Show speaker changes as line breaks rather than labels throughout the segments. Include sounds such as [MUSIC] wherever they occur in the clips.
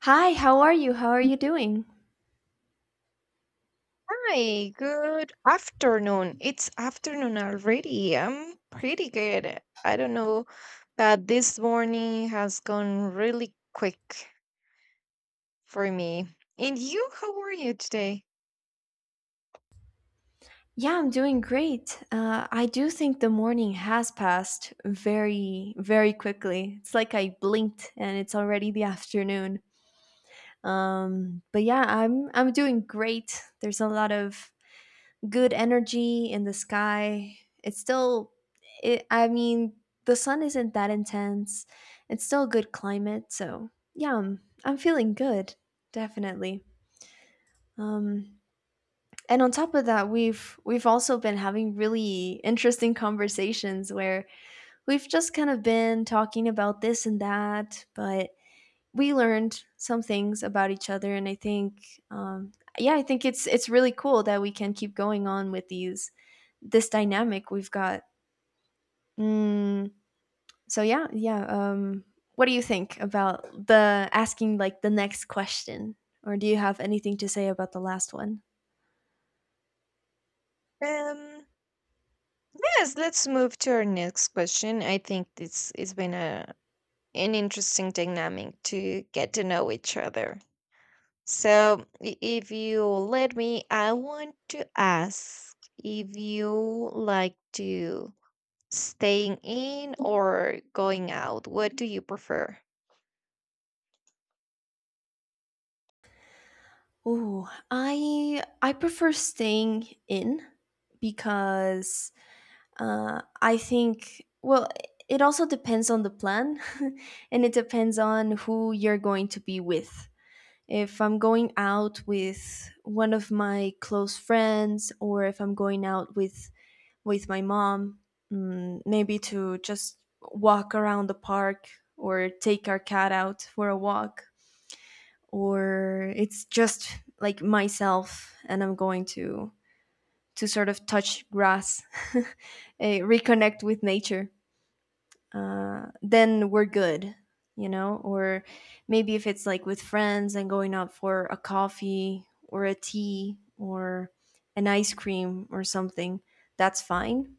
Hi, how are you? How are you doing?
Hi, good afternoon. It's afternoon already. I'm pretty good. I don't know that this morning has gone really quick for me. And you, how are you today?
Yeah, I'm doing great. I do think the morning has passed very, very quickly. It's like I blinked and it's already the afternoon. But yeah, I'm doing great. There's a lot of good energy in the sky. It's still, it, I mean, the sun isn't that intense. It's still good climate, so yeah, I'm feeling good, definitely. Um, and on top of that we've also been having really interesting conversations where we've just kind of been talking about this and that, but we learned some things about each other, and I think yeah, I think it's really cool that we can keep going on with these this dynamic we've got. mm, so yeah. What do you think about the asking like the next question, or do you have anything to say about the last one?
Um, yes, let's move to our next question. I think this has been a an interesting dynamic to get to know each other. So, if you let me, I want to ask if you like to. Staying in or going out? What do you prefer?
Oh, I prefer staying in because I think, well, it also depends on the plan, [LAUGHS] and it depends on who you're going to be with. If I'm going out with one of my close friends, or if I'm going out with my mom, maybe to just walk around the park or take our cat out for a walk, or it's just like myself and I'm going to sort of touch grass, [LAUGHS] reconnect with nature, then we're good, you know. Or maybe if it's like with friends and going out for a coffee or a tea or an ice cream or something, that's fine.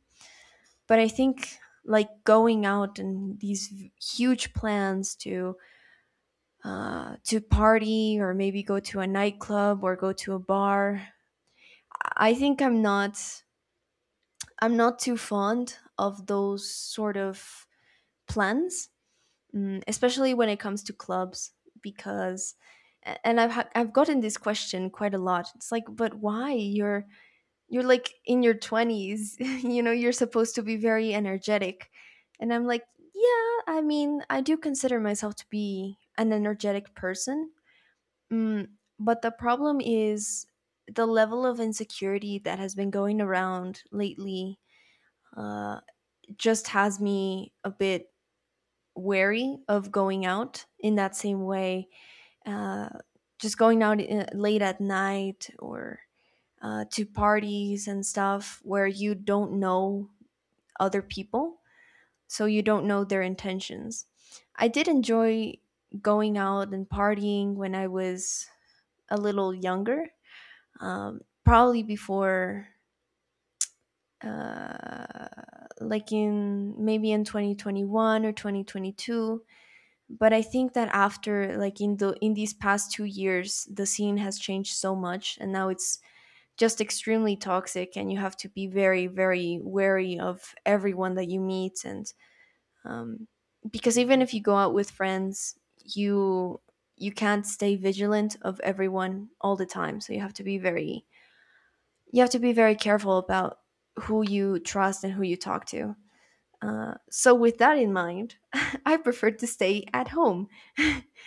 But I think like going out and huge plans to party or maybe go to a nightclub or go to a bar. I think I'm not too fond of those sort of plans, especially when it comes to clubs because a- and I've I've gotten this question quite a lot. It's like, but why you're like in your 20s, [LAUGHS] you know, you're supposed to be very energetic. And I'm like, yeah, I mean, I do consider myself to be an energetic person. Mm, but the problem is the level of insecurity that has been going around lately uh, just has me a bit wary of going out in that same way. Uh, just going out late at night or to parties and stuff where you don't know other people, so you don't know their intentions. I did enjoy going out and partying when I was a little younger, probably before uh, like in maybe in 2021 or 2022. But I think that after like in the in these past two years, the scene has changed so much, and now it's just extremely toxic, and you have to be very, very wary of everyone that you meet. And um, because even if you go out with friends, you you can't stay vigilant of everyone all the time, so you have to be very careful about who you trust and who you talk to. So, with that in mind, [LAUGHS] I prefer to stay at home.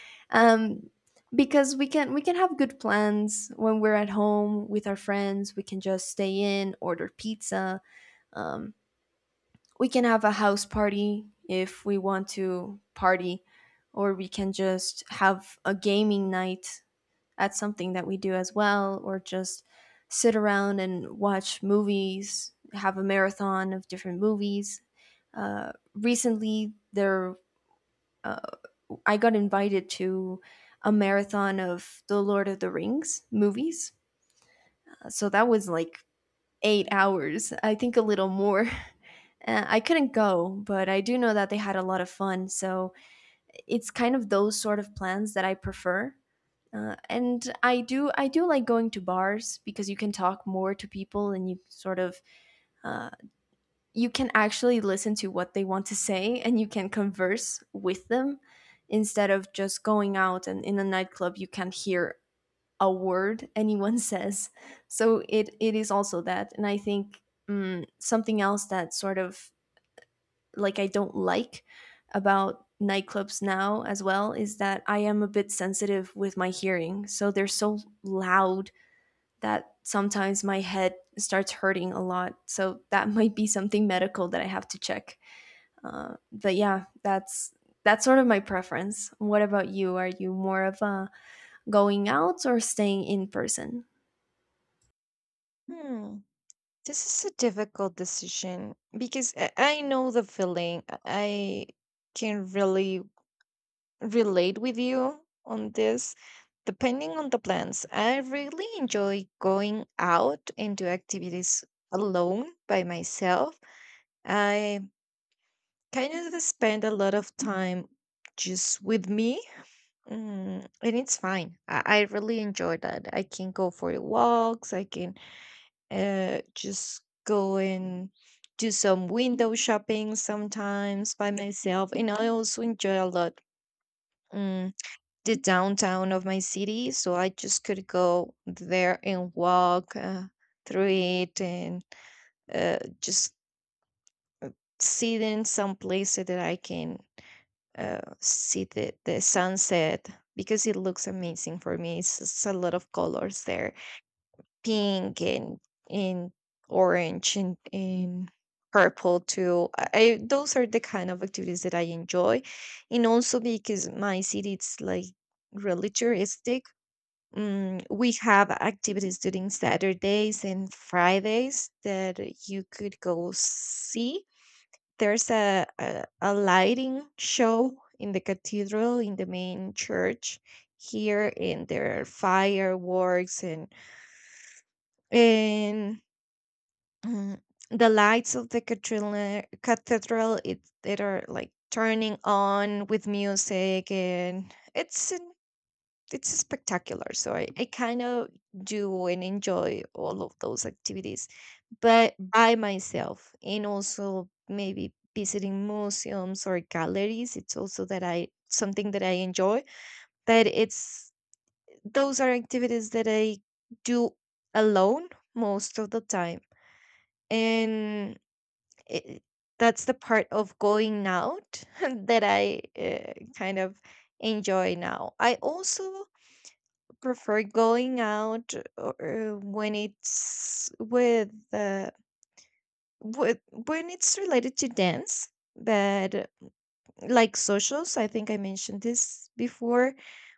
[LAUGHS] um, because we can have good plans when we're at home with our friends. We can just stay in, order pizza. Um, we can have a house party if we want to party, or we can just have a gaming night, that's something that we do as well, or just sit around and watch movies, have a marathon of different movies. Recently, there uh, I got invited to a marathon of the Lord of the Rings movies. So that was like eight hours, I think a little more. [LAUGHS] I couldn't go, but I do know that they had a lot of fun. So it's kind of those sort of plans that I prefer. And I do like going to bars because you can talk more to people, and you sort of uh, you can actually listen to what they want to say and you can converse with them, instead of just going out and in a nightclub you can't hear a word anyone [LAUGHS] says. So it is also that. And I think something else that sort of like I don't like about nightclubs now as well is that I am a bit sensitive with my hearing. So they're so loud that sometimes my head starts hurting a lot. So that [LAUGHS] might be something medical that I have to check. But yeah, that's sort of my preference. What about you? Are you more of a going out or staying in person?
Hmm. This is a difficult decision because I know the feeling. I can really relate with you on this. Depending on the plans, I really enjoy going out and do activities alone by myself. I kind of spend a lot of time just with me. And it's fine. I really enjoy that. I can go for walks. I can just go and do some window shopping sometimes by myself. And I also enjoy a lot, mm, the downtown of my city. So I just could go there and walk through it and, just sit in some places that I can see the sunset because it looks amazing for me. It's just a lot of colors there, pink and orange and purple too. Those are the kind of activities that I enjoy. And also because my city it's like really touristic. We have activities during Saturdays and Fridays that you could go see. There's a a lighting show in the cathedral, in the main church here, and there are fireworks and, mm, the lights of the cathedral it that are like turning on with music, and it's an, it's spectacular. So I kind of do and enjoy all of those activities, but by myself. And also maybe visiting museums or galleries, it's also that I, something that I enjoy, but it's, those are activities that I do alone most of the time. And it, that's the part of going out [LAUGHS] that I kind of enjoy now. I also prefer going out or, when it's with wh- when it's related to dance, but like socials. I think I mentioned this before,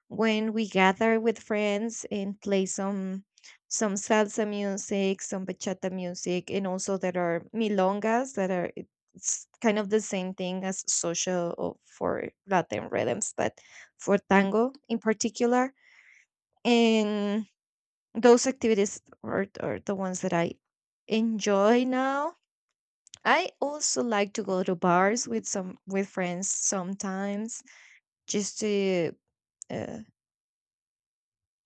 when we gather with friends and play some salsa music, some bachata music. And also there are milongas that are, it's kind of the same thing as social or for Latin rhythms, but for tango in particular. And those activities are the ones that I enjoy now. I also like to go to bars with some, with friends sometimes, just to uh,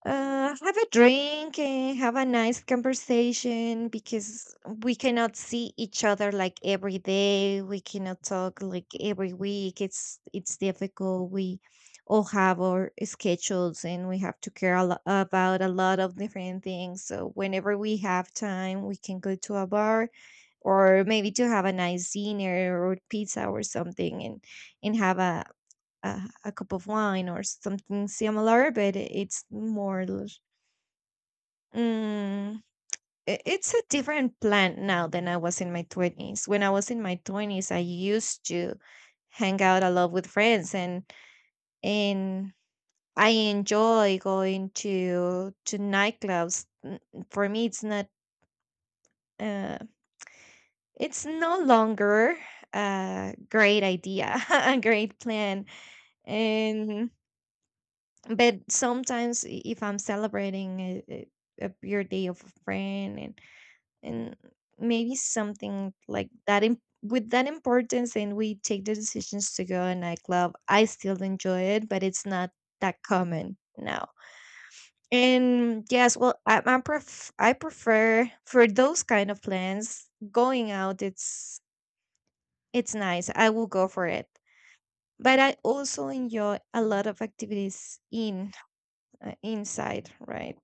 have a drink and have a nice conversation, because we cannot see each other like every day. We cannot talk like every week. It's difficult. We all have our schedules and we have to care about a lot of different things. So whenever we have time, we can go to a bar or maybe to have a nice dinner or pizza or something, and have a, a cup of wine or something similar, but it's more l- mm, I- it's a different plan now than I was in my 20s. When I was in my 20s, I used to hang out a lot with friends, and I enjoy going to nightclubs. For me, it's not, uh, it's no longer a great idea, [LAUGHS] a great plan. And but sometimes, if I'm celebrating a birthday of a friend, and maybe something like that, with that importance, and we take the decisions to go a nightclub, I still enjoy it, but it's not that common now. And yes, well, I I prefer for those kind of plans going out. It's nice. I will go for it. But I also enjoy a lot of activities in, inside, right?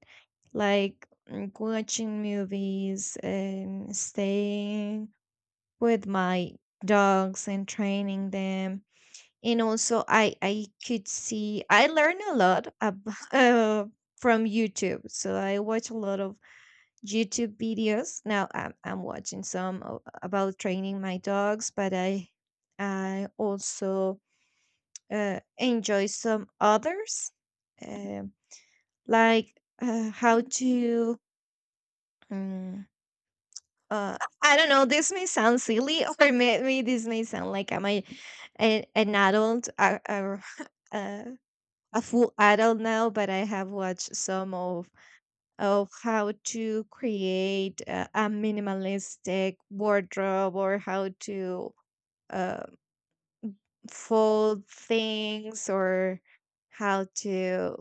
Like, watching movies and staying with my dogs and training them. And also, I could see I learn a lot [LAUGHS] from YouTube. So I watch a lot of YouTube videos. Now I'm watching some about training my dogs, but I also enjoy some others, um like, how to. Um, I don't know. This may sound silly, [LAUGHS] or maybe this may sound like I'm a an adult, [LAUGHS] a a full adult now. But I have watched some of how to create a minimalistic wardrobe, or how to uh, fold things, or how to,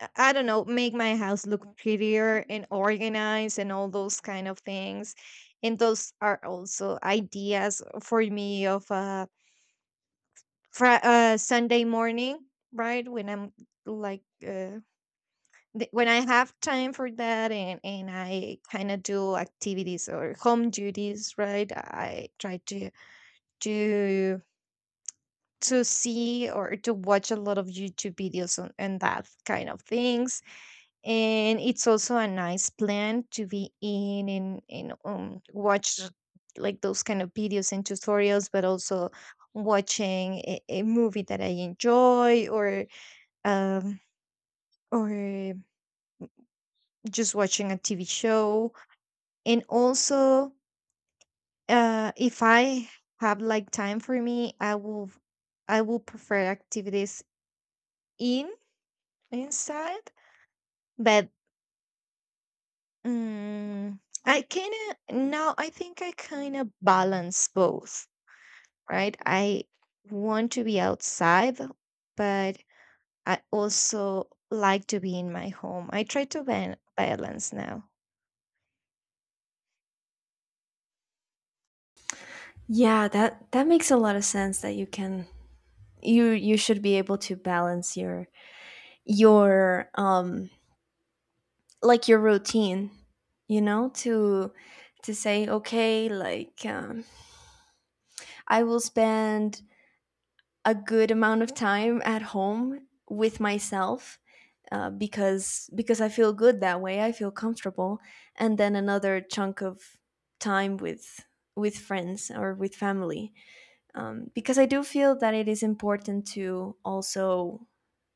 I don't know, make my house look prettier and organized and all those kind of things. And those are also ideas for me of a Sunday morning, right, when I'm like, when I have time for that, and I kind of do activities or home duties, right? I try to to to see or to watch a lot of YouTube videos on, and that kind of things. And it's also a nice plan to be in, and watch, like those kind of videos and tutorials, but also watching a movie that I enjoy, or um, or just watching a TV show. And also if I have like time for me, I will prefer activities in, inside. But um, I kind of now, I think I kind of balance both, right? I want to be outside, but I also like to be in my home. I try to balance now.
Yeah, that makes a lot of sense, that you can you should be able to balance your your um like your routine, you know, to say, okay, like I will spend a good amount of time at home with myself, because I feel good that way, I feel comfortable. And then another chunk of time with friends or with family, because I do feel that it is important to also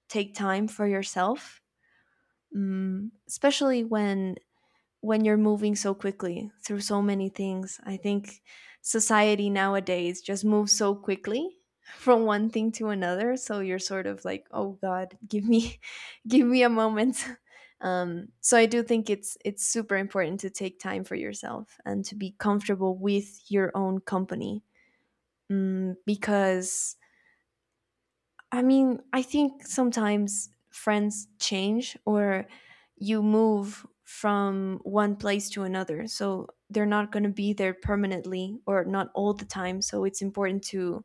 take time for yourself, mm, especially when you're moving so quickly through so many things. I think society nowadays just moves so quickly [LAUGHS] from one thing to another, so you're sort of like, "Oh God, give me, [LAUGHS] give me a moment." [LAUGHS] So I do think it's super important to take time for yourself and to be comfortable with your own company, mm, because I mean, I think sometimes friends change, or you move from one place to another, so they're not going to be there permanently or not all the time. So it's important to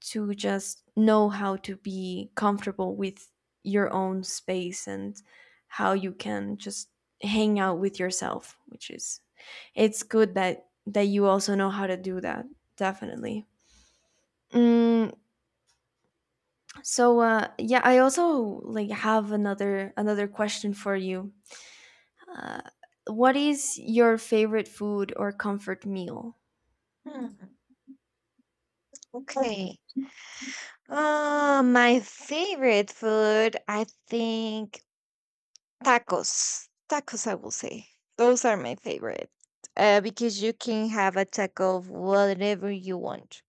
just know how to be comfortable with your own space and how you can just hang out with yourself, which is it's good that you also know how to do that. Definitely. Mm. So yeah, I also like have another question for you. Uh, what is your favorite food or comfort meal?
Hmm, okay, my favorite food, I think, tacos. Tacos, I will say. Those are my favorite. Because you can have a taco of whatever you want.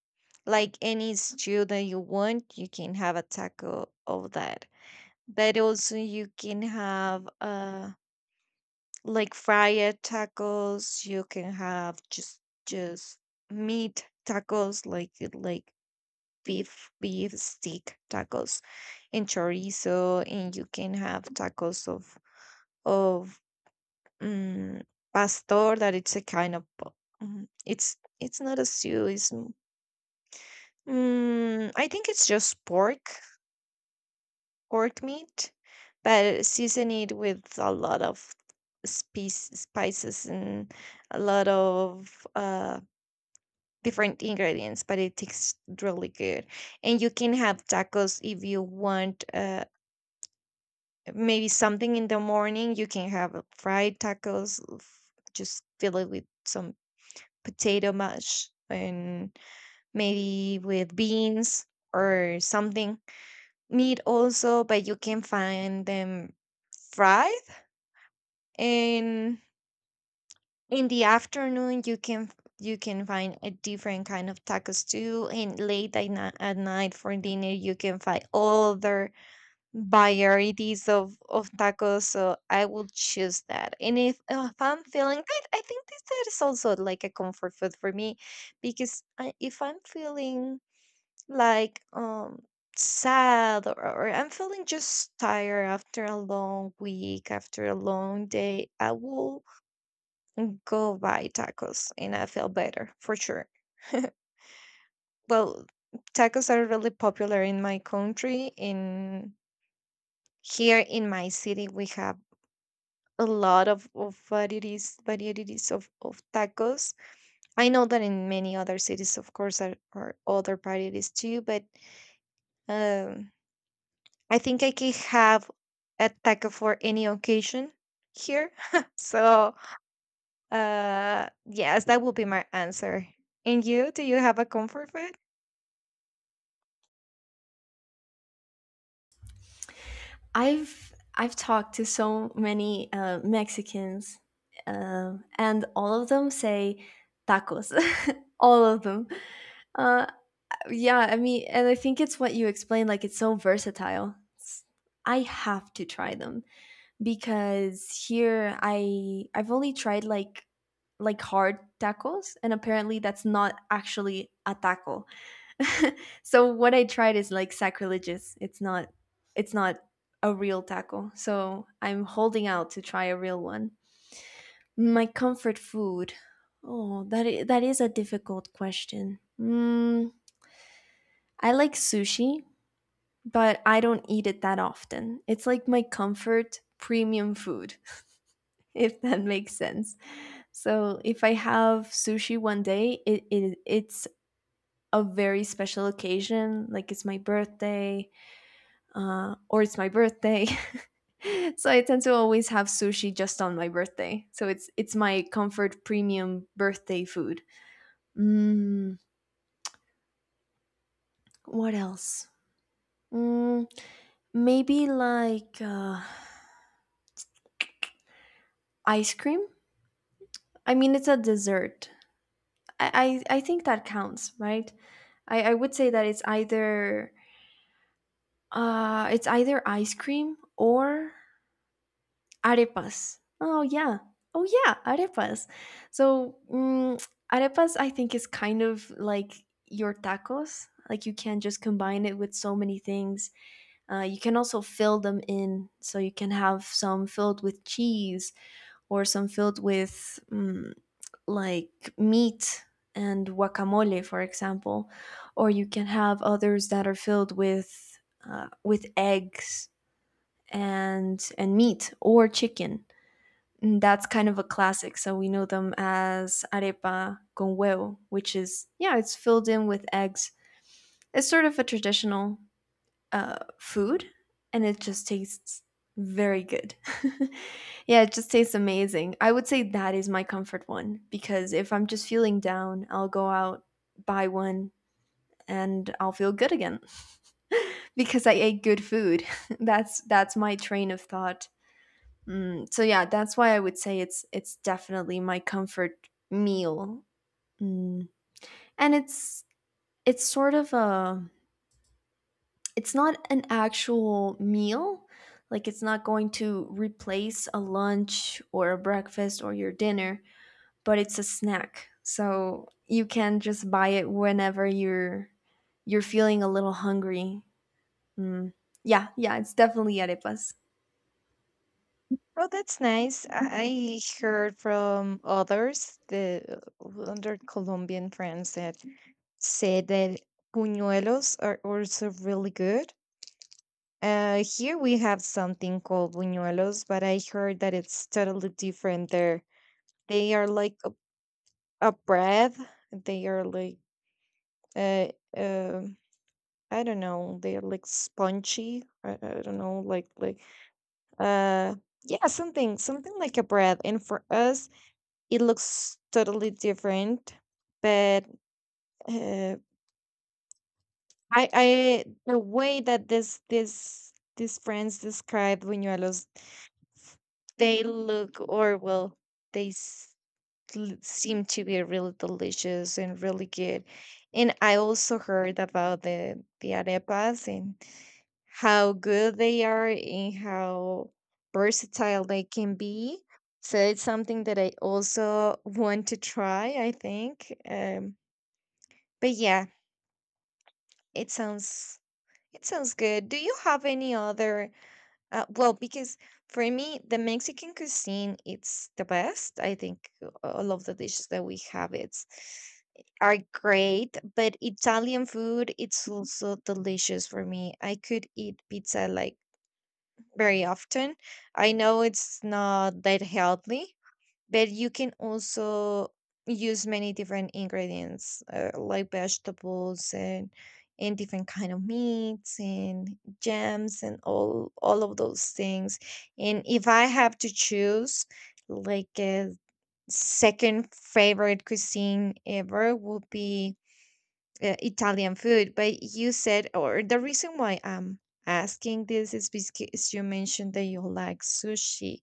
Like any stew that you want, you can have a taco of that. But also you can have like fried tacos. You can have just meat tacos like beef steak tacos and chorizo. And you can have tacos of, Mm, pastor, that it's a kind of it's not a stew. It's I think it's just pork, pork meat, but season it with a lot of spice, spices, and a lot of different ingredients. But it tastes really good, and you can have tacos if you want. Maybe something in the morning you can have fried tacos. Just fill it with some potato mash and maybe with beans or something. Meat also, but you can find them fried. And in the afternoon, you can, you can find a different kind of tacos too. And late at, at night, for dinner, you can find other varieties of tacos. So I will choose that. And if I'm feeling good, I think this, that is also like a comfort food for me. Because I, if I'm feeling like, sad, or I'm feeling just tired after a long week, after a long day, I will go buy tacos and I feel better for sure. [LAUGHS] Well, tacos are really popular in my country. In here, in my city, we have a lot of varieties of tacos. I know that in many other cities, of course, are other varieties too, but um, I think I can have a taco for any occasion here. [LAUGHS] So, yes, that will be my answer. And you, do you have a comfort food?
I've talked to so many Mexicans, and all of them say tacos. [LAUGHS] All of them. Uh, yeah, I mean, and I think it's what you explained. Like, it's so versatile. It's- I have to try them. Because here I've only tried like hard tacos, and apparently that's not actually a taco. [LAUGHS] So what I tried is like sacrilegious. It's not it's not a real taco. So I'm holding out to try a real one. My comfort food. Oh, that is a difficult question. Mm, I like sushi, but I don't eat it that often. It's like my comfort premium food, [LAUGHS] if that makes sense. So if I have sushi one day, it's a very special occasion, like it's my birthday, or it's my birthday. [LAUGHS] So I tend to always have sushi just on my birthday. So it's my comfort premium birthday food. Mm, what else? Mm, maybe like ice cream. I mean, it's a dessert. I think that counts, right? I would say that it's either ice cream or arepas. Oh yeah. Oh yeah, arepas. So, mm, arepas I think is kind of like your tacos. Like, you can just combine it with so many things. You can also fill them in. So you can have some filled with cheese, or some filled with like meat and guacamole, for example. Or you can have others that are filled with eggs and meat or chicken. And that's kind of a classic. So we know them as arepa con huevo, which is, yeah, it's filled in with eggs. It's sort of a traditional food, and it just tastes very good. [LAUGHS] Yeah, it just tastes amazing. I would say that is my comfort one, because if I'm just feeling down, I'll go out, buy one, and I'll feel good again [LAUGHS] because I ate good food. [LAUGHS] That's my train of thought. Mm, so yeah, that's why I would say it's definitely my comfort meal. Mm. And it's sort of a it's not an actual meal. Like, it's not going to replace a lunch or a breakfast or your dinner, but it's a snack. So you can just buy it whenever you're feeling a little hungry. Mm. Yeah, yeah, it's definitely arepas.
Oh, that's nice. I heard from others, the other Colombian friends that, say that buñuelos are also really good. Here we have something called buñuelos, but I heard that it's totally different there. They are like a bread. They are like uh, uh, I don't know. They are like spongy. I don't know, like uh yeah, something, something like a bread. And for us, it looks totally different, but. Uh, I the way that this these friends described Buñuelos, they look or well, they s- seem to be really delicious and really good. And I also heard about the arepas and how good they are and how versatile they can be. So it's something that I also want to try, I think. But yeah, it sounds, it sounds good. Do you have any other? Well, because for me, the Mexican cuisine it's the best. I think all of the dishes that we have it's are great. But Italian food it's also delicious for me. I could eat pizza like very often. I know it's not that healthy, but you can also use many different ingredients, like vegetables and different kind of meats and jams and all of those things. And if I have to choose like a second favorite cuisine ever would be, Italian food. But you said, or the reason why I'm asking this is because you mentioned that you like sushi,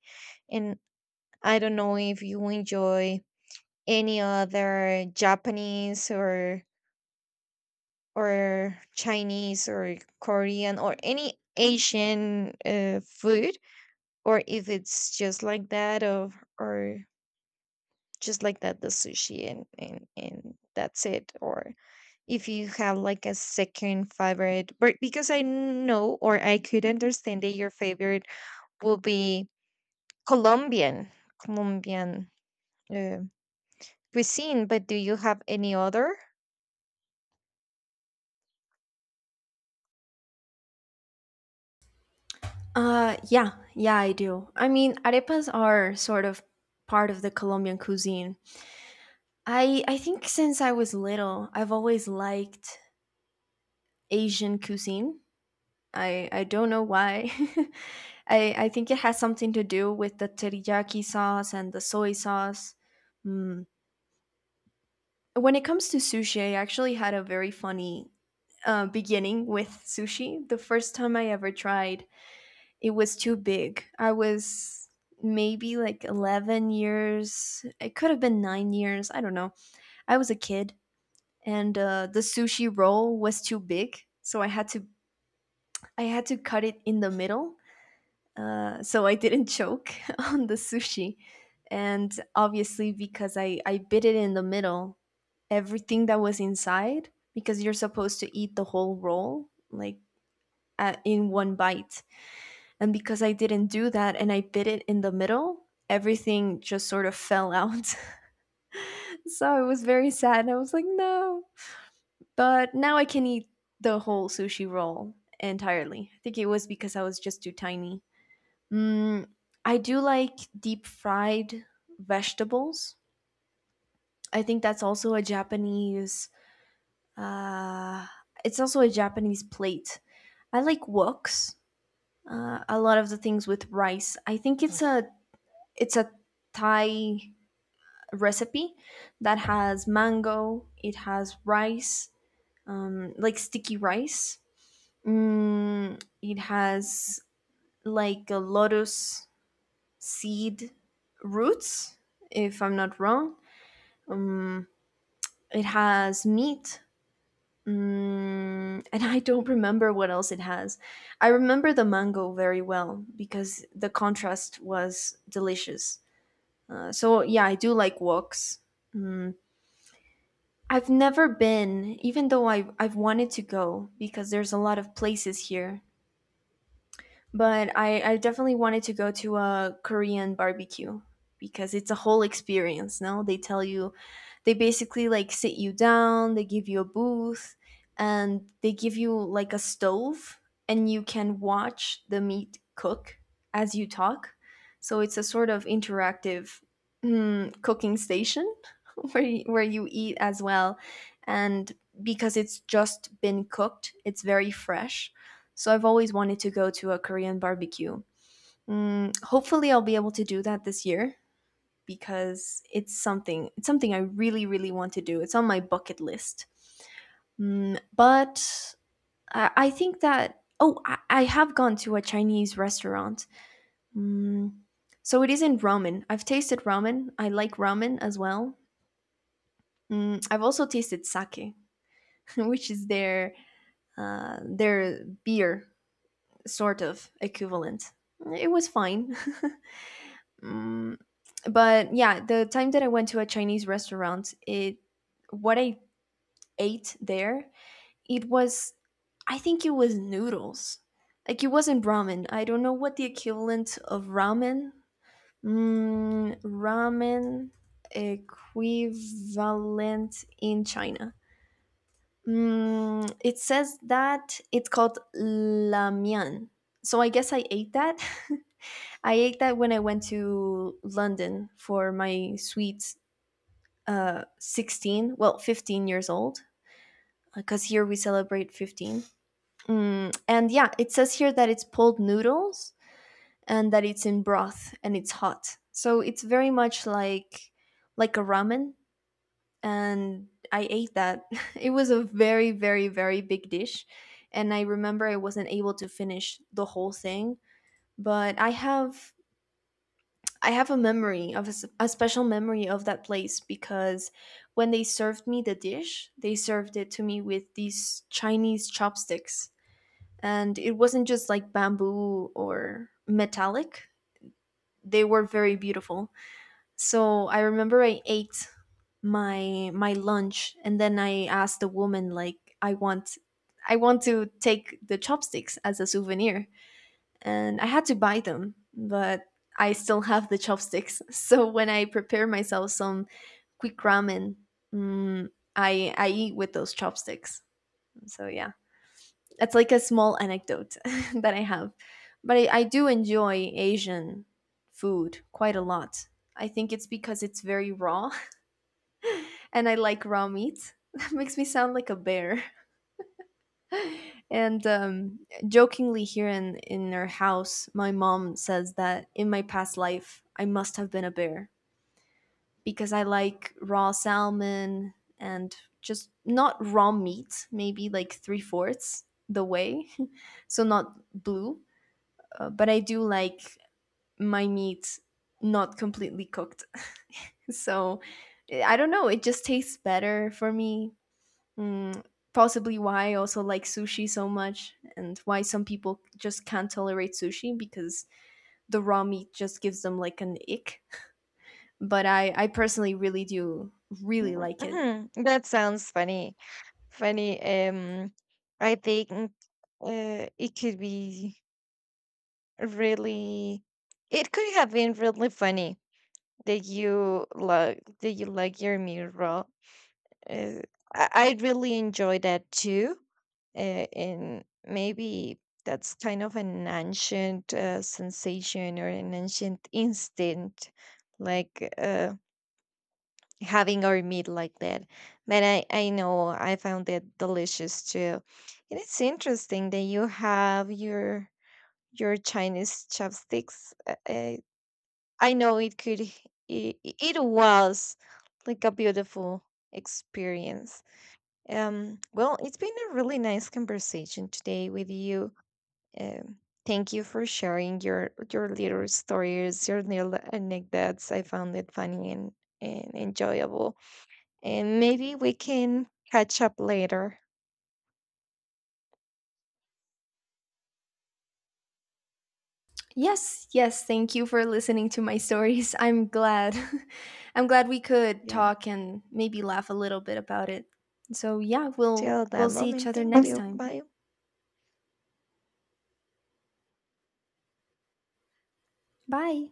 and I don't know if you enjoy any other Japanese or Chinese or Korean or any Asian, food. Or if it's just like that, or just like that, the sushi and and that's it. Or if you have like a second favorite. But because I know, or I could understand that your favorite will be Colombian, Colombian. uh, cuisine. But do you have any other?
Yeah, yeah, I do. I mean, arepas are sort of part of the Colombian cuisine. I think since I was little, I've always liked Asian cuisine. I don't know why. [LAUGHS] I think it has something to do with the teriyaki sauce and the soy sauce. Mm. When it comes to sushi, I actually had a very funny beginning with sushi. The first time I ever tried it, was too big. I was maybe like 11 years. It could have been 9 years. I don't know. I was a kid and the sushi roll was too big, so I had to cut it in the middle. So I didn't choke [LAUGHS] on the sushi. And obviously because I bit it in the middle, everything that was inside, because you're supposed to eat the whole roll like in one bite. And because I didn't do that and I bit it in the middle, everything just sort of fell out. [LAUGHS] So it was very sad, and I was like, no. But now I can eat the whole sushi roll entirely. I think it was because I was just too tiny. Mm, I do like deep fried vegetables. I think that's also a Japanese. Uh, it's also a Japanese plate. I like woks. A lot of the things with rice. I think it's a Thai recipe that has mango, it has rice, like sticky rice. Mm, it has like a lotus seed roots, if I'm not wrong. Um, it has meat. Mm, and I don't remember what else it has. I remember the mango very well because the contrast was delicious. So yeah, I do like woks. Mm, I've never been, even though I've wanted to go because there's a lot of places here. But I definitely wanted to go to a Korean barbecue, because it's a whole experience, no? They tell you, they basically like sit you down, they give you a booth, and they give you like a stove, and you can watch the meat cook as you talk. So it's a sort of interactive, cooking station [LAUGHS] where you eat as well, and because it's just been cooked it's very fresh. So I've always wanted to go to a Korean barbecue. Mm, hopefully I'll be able to do that this year, because it's something I really really want to do. It's on my bucket list. Mm, but I think that oh I have gone to a Chinese restaurant. Mm, so it isn't ramen. I've tasted ramen, I like ramen as well. Mm, I've also tasted sake, [LAUGHS] which is their beer sort of equivalent. It was fine. [LAUGHS] Mm, but yeah, the time that I went to a Chinese restaurant, it, what I ate there, it was, I think it was noodles. Like it wasn't ramen. I don't know what the equivalent of ramen. Mm, ramen equivalent in China. Mm, it says that it's called lamian. So I guess I ate that. [LAUGHS] I ate that when I went to London for my sweet 16, well, 15 years old, because here we celebrate 15. Mm, and yeah, it says here that it's pulled noodles and that it's in broth and it's hot. So it's very much like a ramen, and I ate that. [LAUGHS] It was a very, very, very big dish. And I remember I wasn't able to finish the whole thing, but I have a memory of a special memory of that place because when they served me the dish, they served it to me with these Chinese chopsticks, and it wasn't just like bamboo or metallic. They were very beautiful. So I remember I ate my lunch and then I asked the woman, like, I want to take the chopsticks as a souvenir, and I had to buy them, but I still have the chopsticks. [LAUGHS] So when I prepare myself some quick ramen, mm, I eat with those chopsticks. So yeah, it's like a small anecdote [LAUGHS] that I have. But I do enjoy Asian food quite a lot. I think it's because it's very raw, and I like raw meat. [LAUGHS] That makes me sound like a bear. And jokingly, here in our house, my mom says that in my past life, I must have been a bear, because I like raw salmon and just not raw meat, maybe like three-fourths the way. [LAUGHS] So, not blue. But I do like my meat not completely cooked. [LAUGHS] So, I don't know. It just tastes better for me. Mm, possibly why I also like sushi so much, and why some people just can't tolerate sushi, because the raw meat just gives them like an ick. [LAUGHS] But I personally really do really like it.
Mhm. That sounds funny. Funny. I think, it could be really, it could have been really funny that you like, your meal raw. Uh, I really enjoy that too. And maybe that's kind of an ancient, sensation or an ancient instinct, like, having our meat like that. But I know I found it delicious too. And it's interesting that you have your Chinese chopsticks. I know it could, it was like a beautiful experience. Um, well, it's been a really nice conversation today with you. Um, thank you for sharing your little stories, your little anecdotes. I found it funny, and enjoyable. And maybe we can catch up later.
Yes, yes, thank you for listening to my [LAUGHS] stories. I'm glad. [LAUGHS] I'm glad we could
Yeah.
talk and maybe laugh a little bit about it. So yeah, we'll
Till
we'll
that
see each
moment,
other
thank
next
you.
time.
Bye.
Bye.